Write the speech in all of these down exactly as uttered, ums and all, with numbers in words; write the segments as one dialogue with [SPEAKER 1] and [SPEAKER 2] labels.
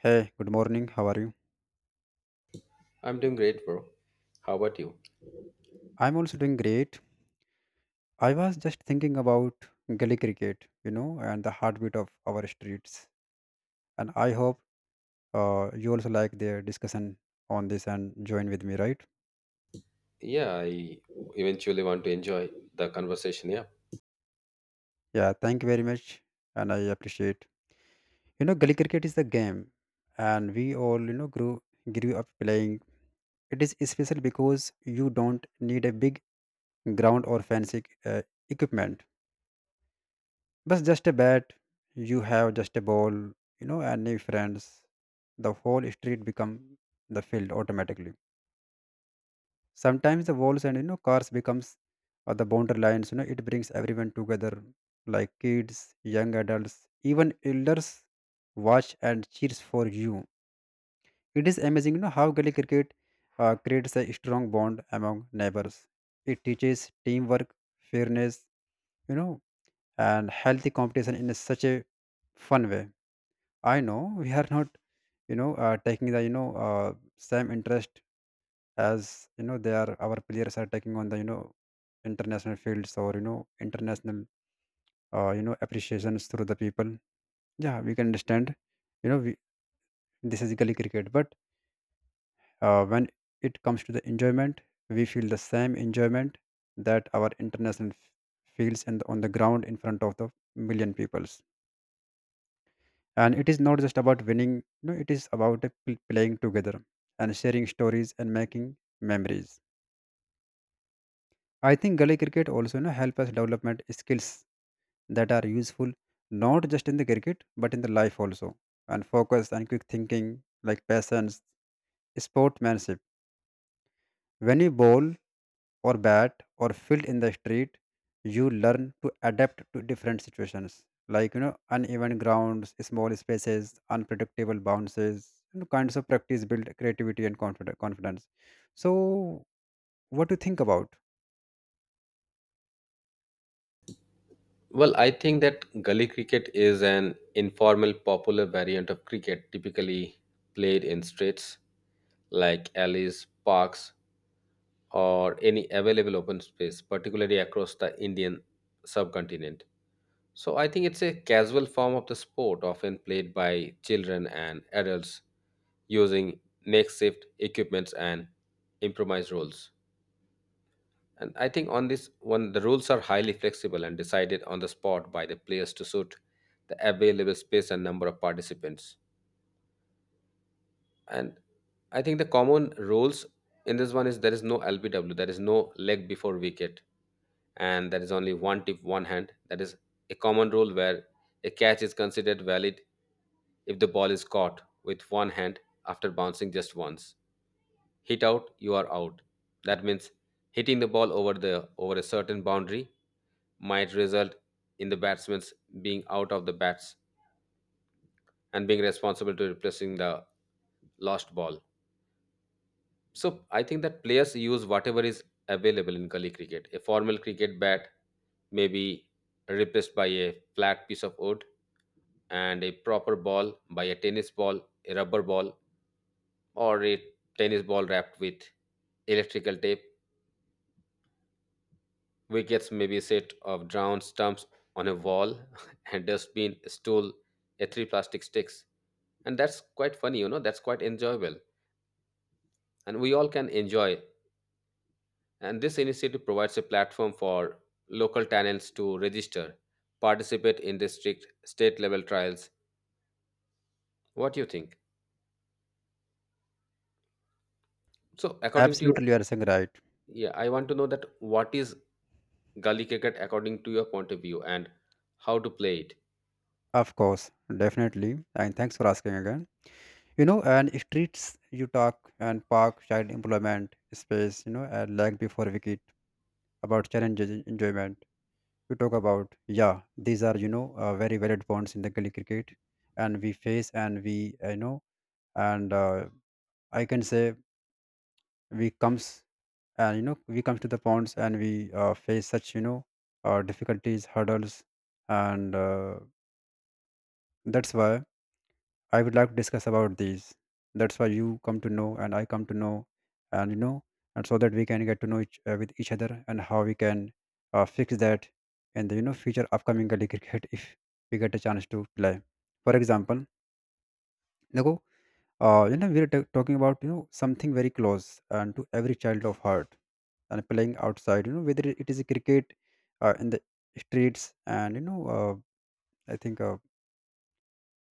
[SPEAKER 1] Hey, good morning. How are you?
[SPEAKER 2] I'm doing great, bro. How about you?
[SPEAKER 1] I'm also doing great. I was just thinking about gully cricket, you know, and the heartbeat of our streets. And I hope uh, you also like their discussion on this and join with me, right?
[SPEAKER 2] Yeah, I eventually want to enjoy the conversation. Yeah.
[SPEAKER 1] Yeah, thank you very much. And I appreciate. You know, gully cricket is the game, and we all, you know, grew grew up playing. It is special because you don't need a big ground or fancy uh, equipment. But just a bat, you have just a ball, you know, and new friends. The whole street become the field automatically. Sometimes the walls and you know cars becomes or the boundary lines. You know, it brings everyone together, like kids, young adults, even elders watch and cheers for you. It is amazing, you know, how gully cricket uh, creates a strong bond among neighbors. It teaches teamwork, fairness, you know, and healthy competition in such a fun way. I know we are not, you know, uh, taking the you know uh, same interest as you know they are our players are taking on the you know international fields or you know international uh, you know appreciations through the people. Yeah, we can understand. You know, we, this is gully cricket, but uh, when it comes to the enjoyment, we feel the same enjoyment that our international f- feels and on the ground in front of the million people. And it is not just about winning, you know it is about uh, pl- playing together and sharing stories and making memories. I think gully cricket also, you know, help us development skills that are useful not just in the cricket but in the life also, and focus and quick thinking, like patience, sportsmanship. When you bowl or bat or field in the street, you learn to adapt to different situations, like you know uneven grounds, small spaces, unpredictable bounces. You know, kinds of practice build creativity and confid- confidence. So, what do you think about?
[SPEAKER 2] Well, I think that gully cricket is an informal, popular variant of cricket, typically played in streets like alleys, parks, or any available open space, particularly across the Indian subcontinent. So I think it's a casual form of the sport, often played by children and adults using makeshift equipments and improvised rules. And I think on this one, the rules are highly flexible and decided on the spot by the players to suit the available space and number of participants. And I think the common roles in this one is there is no L B W, there is no leg before wicket, and there is only one tip, one hand. That is a common rule where a catch is considered valid if the ball is caught with one hand after bouncing just once. Hit out, you are out. That means hitting the ball over the over a certain boundary might result in the batsman's being out of the bats and being responsible to replacing the lost ball. So I think that players use whatever is available in gully cricket. A formal cricket bat may be replaced by a flat piece of wood, and a proper ball by a tennis ball, a rubber ball, or a tennis ball wrapped with electrical tape. Wickets may be a set of drowned stumps on a wall, and dustbin, a stool, a three plastic sticks, and that's quite funny. You know, that's quite enjoyable, and we all can enjoy. And this initiative provides a platform for local talents to register, participate in district, state level trials. What do you think? So, according to you,
[SPEAKER 1] Absolutely, you are saying right.
[SPEAKER 2] yeah, I want to know that what is gully cricket according to your point of view and how to play it.
[SPEAKER 1] Of course, definitely, and thanks for asking again. You know and streets you talk and park child employment space, you know and lag before wicket about challenges enjoyment you talk about, yeah, these are, you know uh, very valid points in the gully cricket. And we face, and we, uh, you know and uh, I can say, we comes, and you know we comes to the ponds, and we uh, face such, you know uh, difficulties, hurdles, and uh, that's why I would like to discuss about these. That's why you come to know and I come to know, and you know, and so that we can get to know each uh, with each other and how we can uh, fix that in the you know future upcoming Gully cricket if we get a chance to play. For example, Nago, uh, you know, we're t- talking about you know something very close and to every child of heart and playing outside. You know, whether it is a cricket uh, in the streets, and you know, uh, I think. Uh,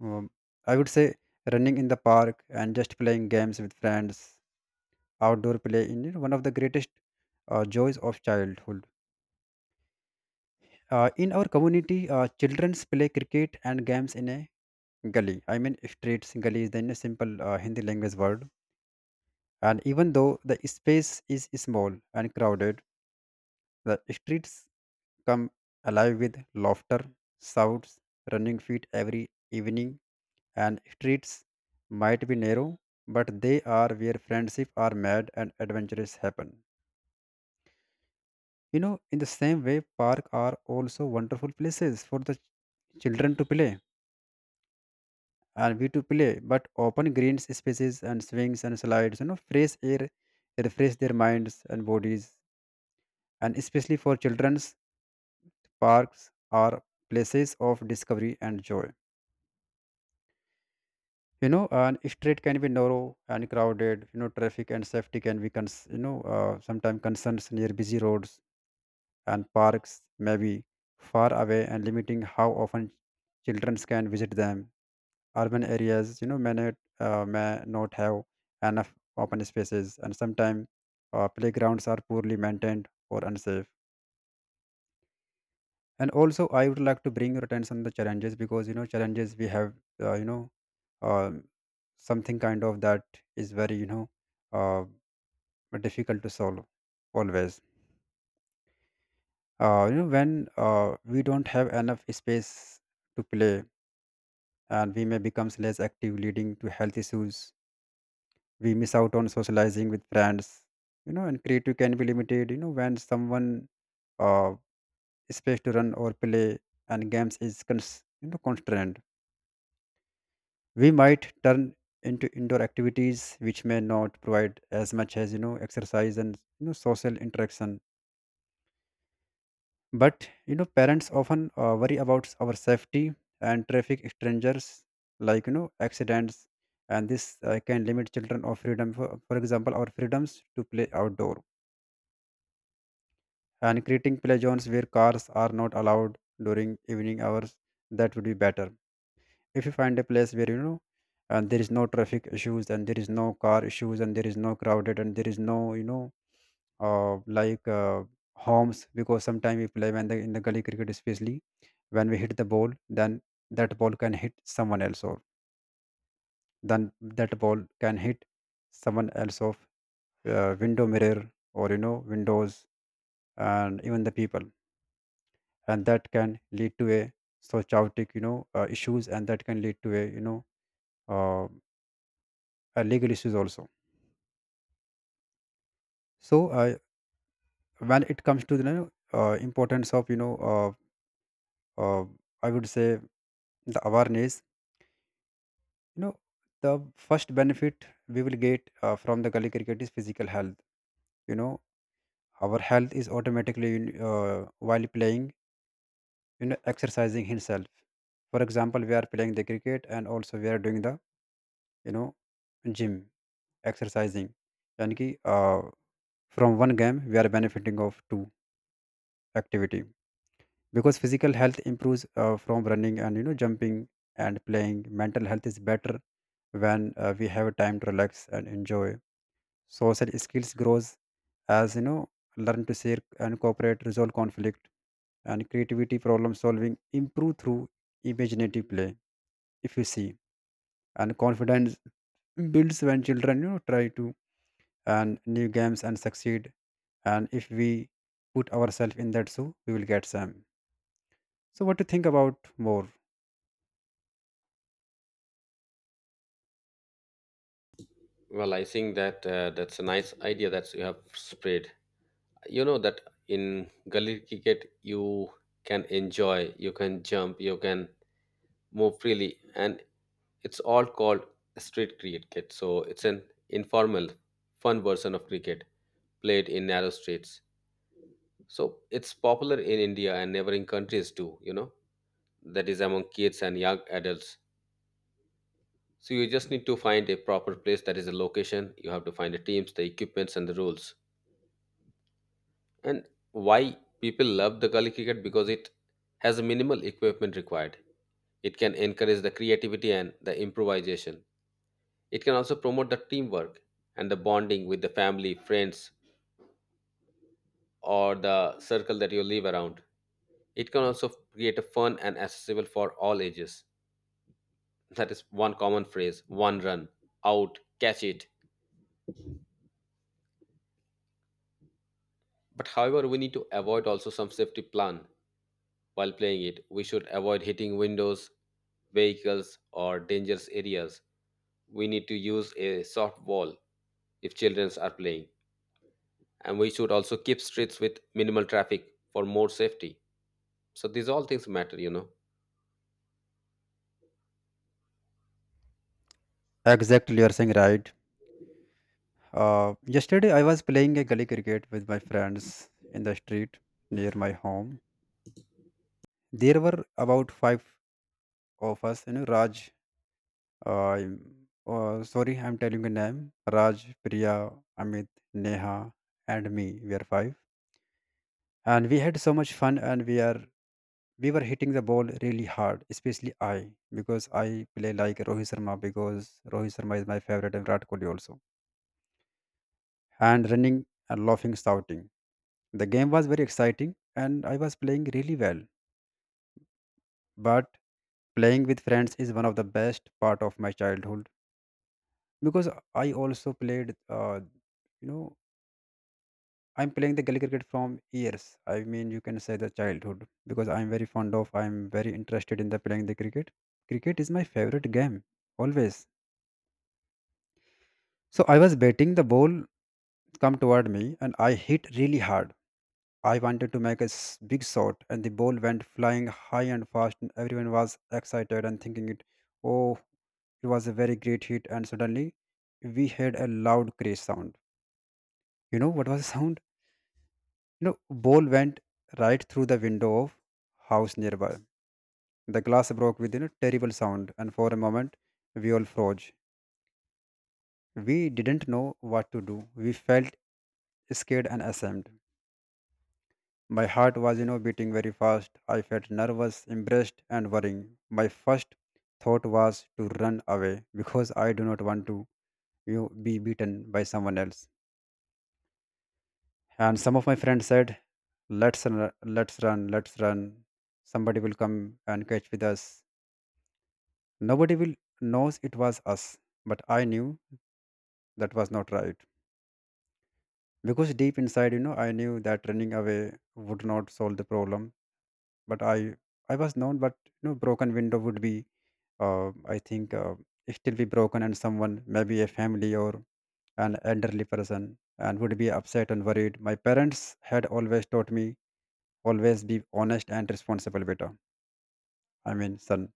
[SPEAKER 1] Um, I would say running in the park and just playing games with friends. Outdoor play in, you know, one of the greatest uh, joys of childhood. Uh, in our community, uh, children play cricket and games in a gully. I mean, streets gully is then a simple uh, Hindi language word. And even though the space is small and crowded, the streets come alive with laughter, shouts, running feet every evening. And streets might be narrow, but they are where friendship are made and adventures happen. You know, in the same way, park are also wonderful places for the ch- children to play and we to play. But open green spaces and swings and slides, you know, fresh air refresh their minds and bodies. And especially for children's, parks are places of discovery and joy. You know and street can be narrow and crowded. You know traffic and safety can be cons- you know uh, sometimes concerns near busy roads, and parks may be far away and limiting how often children can visit them. Urban areas, you know may not, uh, may not have enough open spaces, and sometimes uh, playgrounds are poorly maintained or unsafe. And also, I would like to bring your attention the challenges, because, you know challenges we have, uh, you know um, something kind of that is very, you know uh, difficult to solve always. Uh, you know when uh, we don't have enough space to play, and we may become less active, leading to health issues. We miss out on socializing with friends, you know and creative can be limited, you know when someone, uh, space to run or play and games is cons- you know constrained, we might turn into indoor activities, which may not provide as much as, you know exercise and, you know social interaction. But, you know parents often uh, worry about our safety and traffic, strangers, like, you know accidents, and this uh, can limit children of freedom. For, for example, our freedoms to play outdoor, and creating play zones where cars are not allowed during evening hours, that would be better if you find a place where, you know and there is no traffic issues, and there is no car issues, and there is no crowded, and there is no, you know uh, like uh, homes, because sometimes we play when the in the gully cricket, especially when we hit the ball, then that ball can hit someone else, or then that ball can hit someone else of uh, window mirror, or you know windows, and even the people, and that can lead to a so chaotic, you know uh, issues, and that can lead to a, you know uh, uh, legal issues also. So uh, when it comes to the, you know, uh, importance of, you know, uh, uh, I would say, the awareness. You know, the first benefit we will get uh, from the gully cricket is physical health. You know, our health is automatically uh, while playing. You know, exercising himself. For example, we are playing the cricket, and also we are doing the, you know, gym exercising. Yani ki, uh, from one game we are benefiting of two activity, because physical health improves uh, from running and, you know jumping and playing. Mental health is better when, uh, we have time to relax and enjoy. Social skills grows, as, you know learn to share and cooperate, resolve conflict, and creativity problem solving improve through imaginative play, if you see. And confidence builds when children, you know try to and new games and succeed. And if we put ourselves in that shoe, we will get some. So what do you think about more?
[SPEAKER 2] Well, I think that uh, that's a nice idea that you have spread. You know that in gully cricket you can enjoy, you can jump, you can move freely, and it's all called street cricket. So it's an informal, fun version of cricket played in narrow streets. So it's popular in India and neighboring countries too, you know, that is among kids and young adults. So you just need to find a proper place that is a location. You have to find the teams, the equipments, and the rules. And why people love the gully cricket because it has a minimal equipment required. It can encourage the creativity and the improvisation. It can also promote the teamwork and the bonding with the family, friends, or the circle that you live around. It can also create a fun and accessible for all ages. That is one common phrase: one run, out, catch it. But however, we need to avoid also some safety plan while playing it. We should avoid hitting windows, vehicles, or dangerous areas. We need to use a soft wall if children are playing. And we should also keep streets with minimal traffic for more safety. So these all things matter, you know.
[SPEAKER 1] Exactly, you're saying right. Uh, yesterday, I was playing a gully cricket with my friends in the street near my home. There were about five of us, you know, Raj, uh, uh, sorry, I'm telling your name. Raj, Priya, Amit, Neha, and me. We are five. And we had so much fun, and we are we were hitting the ball really hard, especially I, because I play like Rohit Sharma, because Rohit Sharma is my favorite and Virat Kohli also, and running and laughing, shouting. The game was very exciting and I was playing really well. But playing with friends is one of the best part of my childhood, because I also played, uh, you know, I'm playing the Gully cricket from years. I mean, you can say the childhood because I'm very fond of, I'm very interested in the playing the cricket. Cricket is my favorite game always. So I was batting the ball come toward me, and I hit really hard. I wanted to make a s- big shot, and the ball went flying high and fast, and everyone was excited and thinking it, oh, it was a very great hit. And suddenly, we heard a loud crash sound. You know what was the sound? You know, ball went right through the window of house nearby. The glass broke with, you know terrible sound, and for a moment, we all froze. We didn't know what to do. We felt scared and ashamed. My heart was, you know, beating very fast. I felt nervous, embarrassed, and worrying. My first thought was to run away because I do not want to, you know, be beaten by someone else. And some of my friends said, "Let's run, let's run, let's run. Somebody will come and catch with us." Nobody will knows it was us, but I knew that was not right because deep inside, you know, I knew that running away would not solve the problem, but i i was known, but you know broken window would be uh, i think uh, still be broken and someone, maybe a family or an elderly person, and would be upset and worried. My parents had always taught me always be honest and responsible, beta I mean son.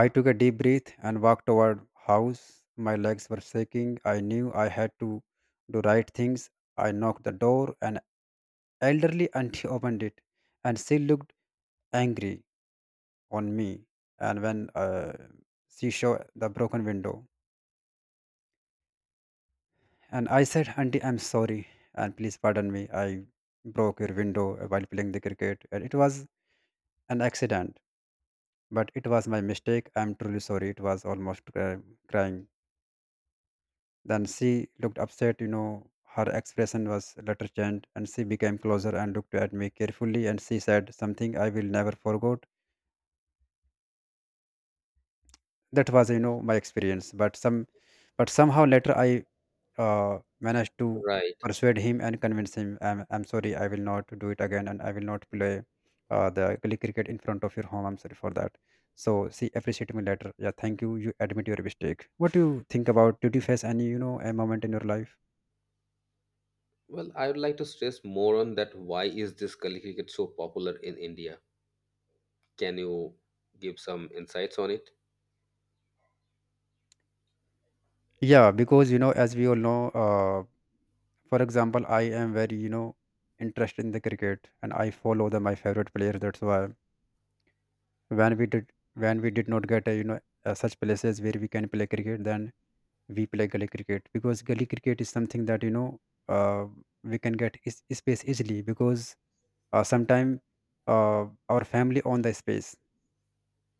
[SPEAKER 1] I took a deep breath and walked toward house. My legs were shaking. I knew I had to do right things. I knocked the door and elderly auntie opened it, and she looked angry on me. And when uh, she showed the broken window, and I said, "Auntie, I'm sorry, and please pardon me. I broke your window while playing the cricket, and it was an accident, but it was my mistake. I'm truly sorry." It was almost cry- crying. Then she looked upset, you know her expression was later changed, and she became closer and looked at me carefully, and she said something I will never forget. That was, you know my experience. But some but somehow later I uh, managed to
[SPEAKER 2] Right.
[SPEAKER 1] persuade him and convince him, I'm, I'm sorry, I will not do it again, and I will not play uh, the gully cricket in front of your home. I'm sorry for that. So see, appreciate me later. Yeah, thank you. You admit your mistake. What do you think about? Did you face any, you know, a moment in your life?
[SPEAKER 2] Well, I would like to stress more on that. Why is this Kali cricket so popular in India? Can you give some insights on it?
[SPEAKER 1] Yeah, because you know, as we all know, uh, for example, I am very, you know, interested in the cricket, and I follow the my favorite player. That's why when we did when we did not get a, you know uh, such places where we can play cricket, then we play gully cricket, because gully cricket is something that you know uh, we can get is, space easily, because uh, sometime uh, our family own the space.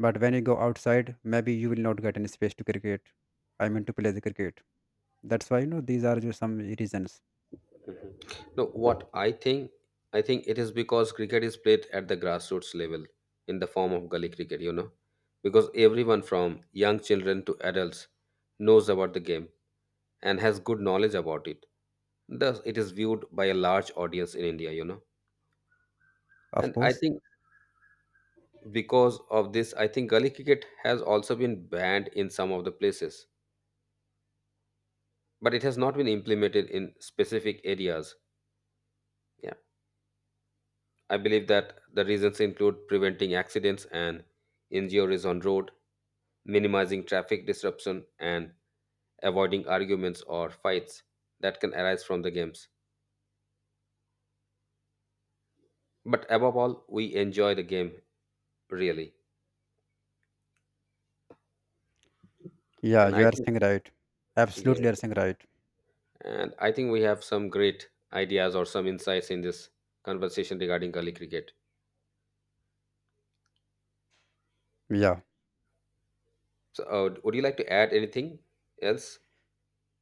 [SPEAKER 1] But when you go outside, maybe you will not get any space to cricket I mean to play the cricket. That's why, you know, these are just some reasons.
[SPEAKER 2] No, what I think, I think it is because cricket is played at the grassroots level in the form of gully cricket, you know, because everyone from young children to adults knows about the game and has good knowledge about it. Thus, it is viewed by a large audience in India, you know.
[SPEAKER 1] Of
[SPEAKER 2] And I
[SPEAKER 1] course.
[SPEAKER 2] think because of this, i think gully cricket has also been banned in some of the places, but it has not been implemented in specific areas. Yeah, I believe that the reasons include preventing accidents and injuries on road, minimizing traffic disruption, and avoiding arguments or fights that can arise from the games. But above all, we enjoy the game, really.
[SPEAKER 1] Yeah,
[SPEAKER 2] And
[SPEAKER 1] you
[SPEAKER 2] I
[SPEAKER 1] are
[SPEAKER 2] think,
[SPEAKER 1] saying right.
[SPEAKER 2] yeah,
[SPEAKER 1] Absolutely, you are saying right.
[SPEAKER 2] and I think we have some great ideas or some insights in this conversation regarding gully cricket.
[SPEAKER 1] Yeah.
[SPEAKER 2] So, uh, would you like to add anything else?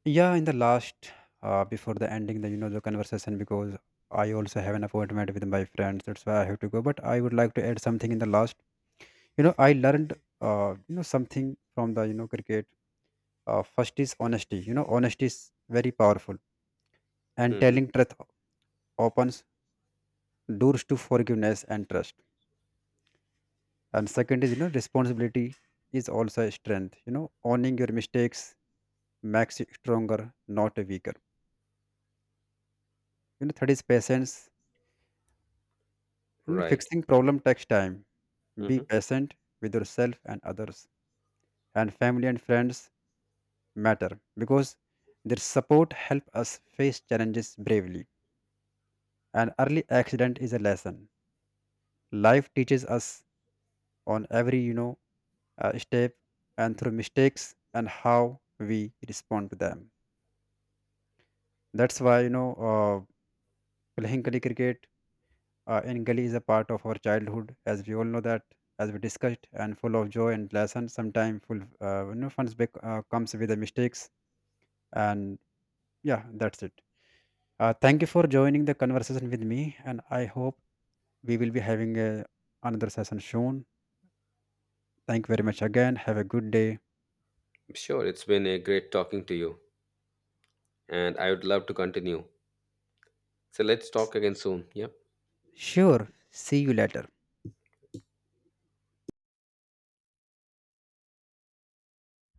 [SPEAKER 1] Yeah, in the last, uh, before the ending, the, you know, the conversation, because I also have an appointment with my friends. That's why I have to go. But I would like to add something in the last. You know, I learned, uh, you know, something from the you know cricket. Uh, first is honesty. You know, honesty is very powerful, and
[SPEAKER 2] Hmm.
[SPEAKER 1] telling truth opens doors to forgiveness and trust. And second is, you know, responsibility is also a strength. You know, owning your mistakes makes you stronger, not weaker. You know, third is patience. And
[SPEAKER 2] Right.
[SPEAKER 1] fixing problem takes time. Be
[SPEAKER 2] Hmm.
[SPEAKER 1] patient with yourself and others. And family and friends matter because their support help us face challenges bravely. An early accident is a lesson. Life teaches us on every, you know uh, step, and through mistakes and how we respond to them. That's why, you know uh, playing gully cricket Uh, and gully is a part of our childhood, as we all know that, as we discussed, and full of joy and lessons. Sometimes full, uh, you know, fun bec- uh, comes with the mistakes, and yeah, that's it. Uh, thank you for joining the conversation with me, and I hope we will be having a, another session soon. Thank you very much again. Have a good day.
[SPEAKER 2] Sure. It's been a great talking to you, and I would love to continue. So let's talk again soon. Yeah.
[SPEAKER 1] Sure. See you later.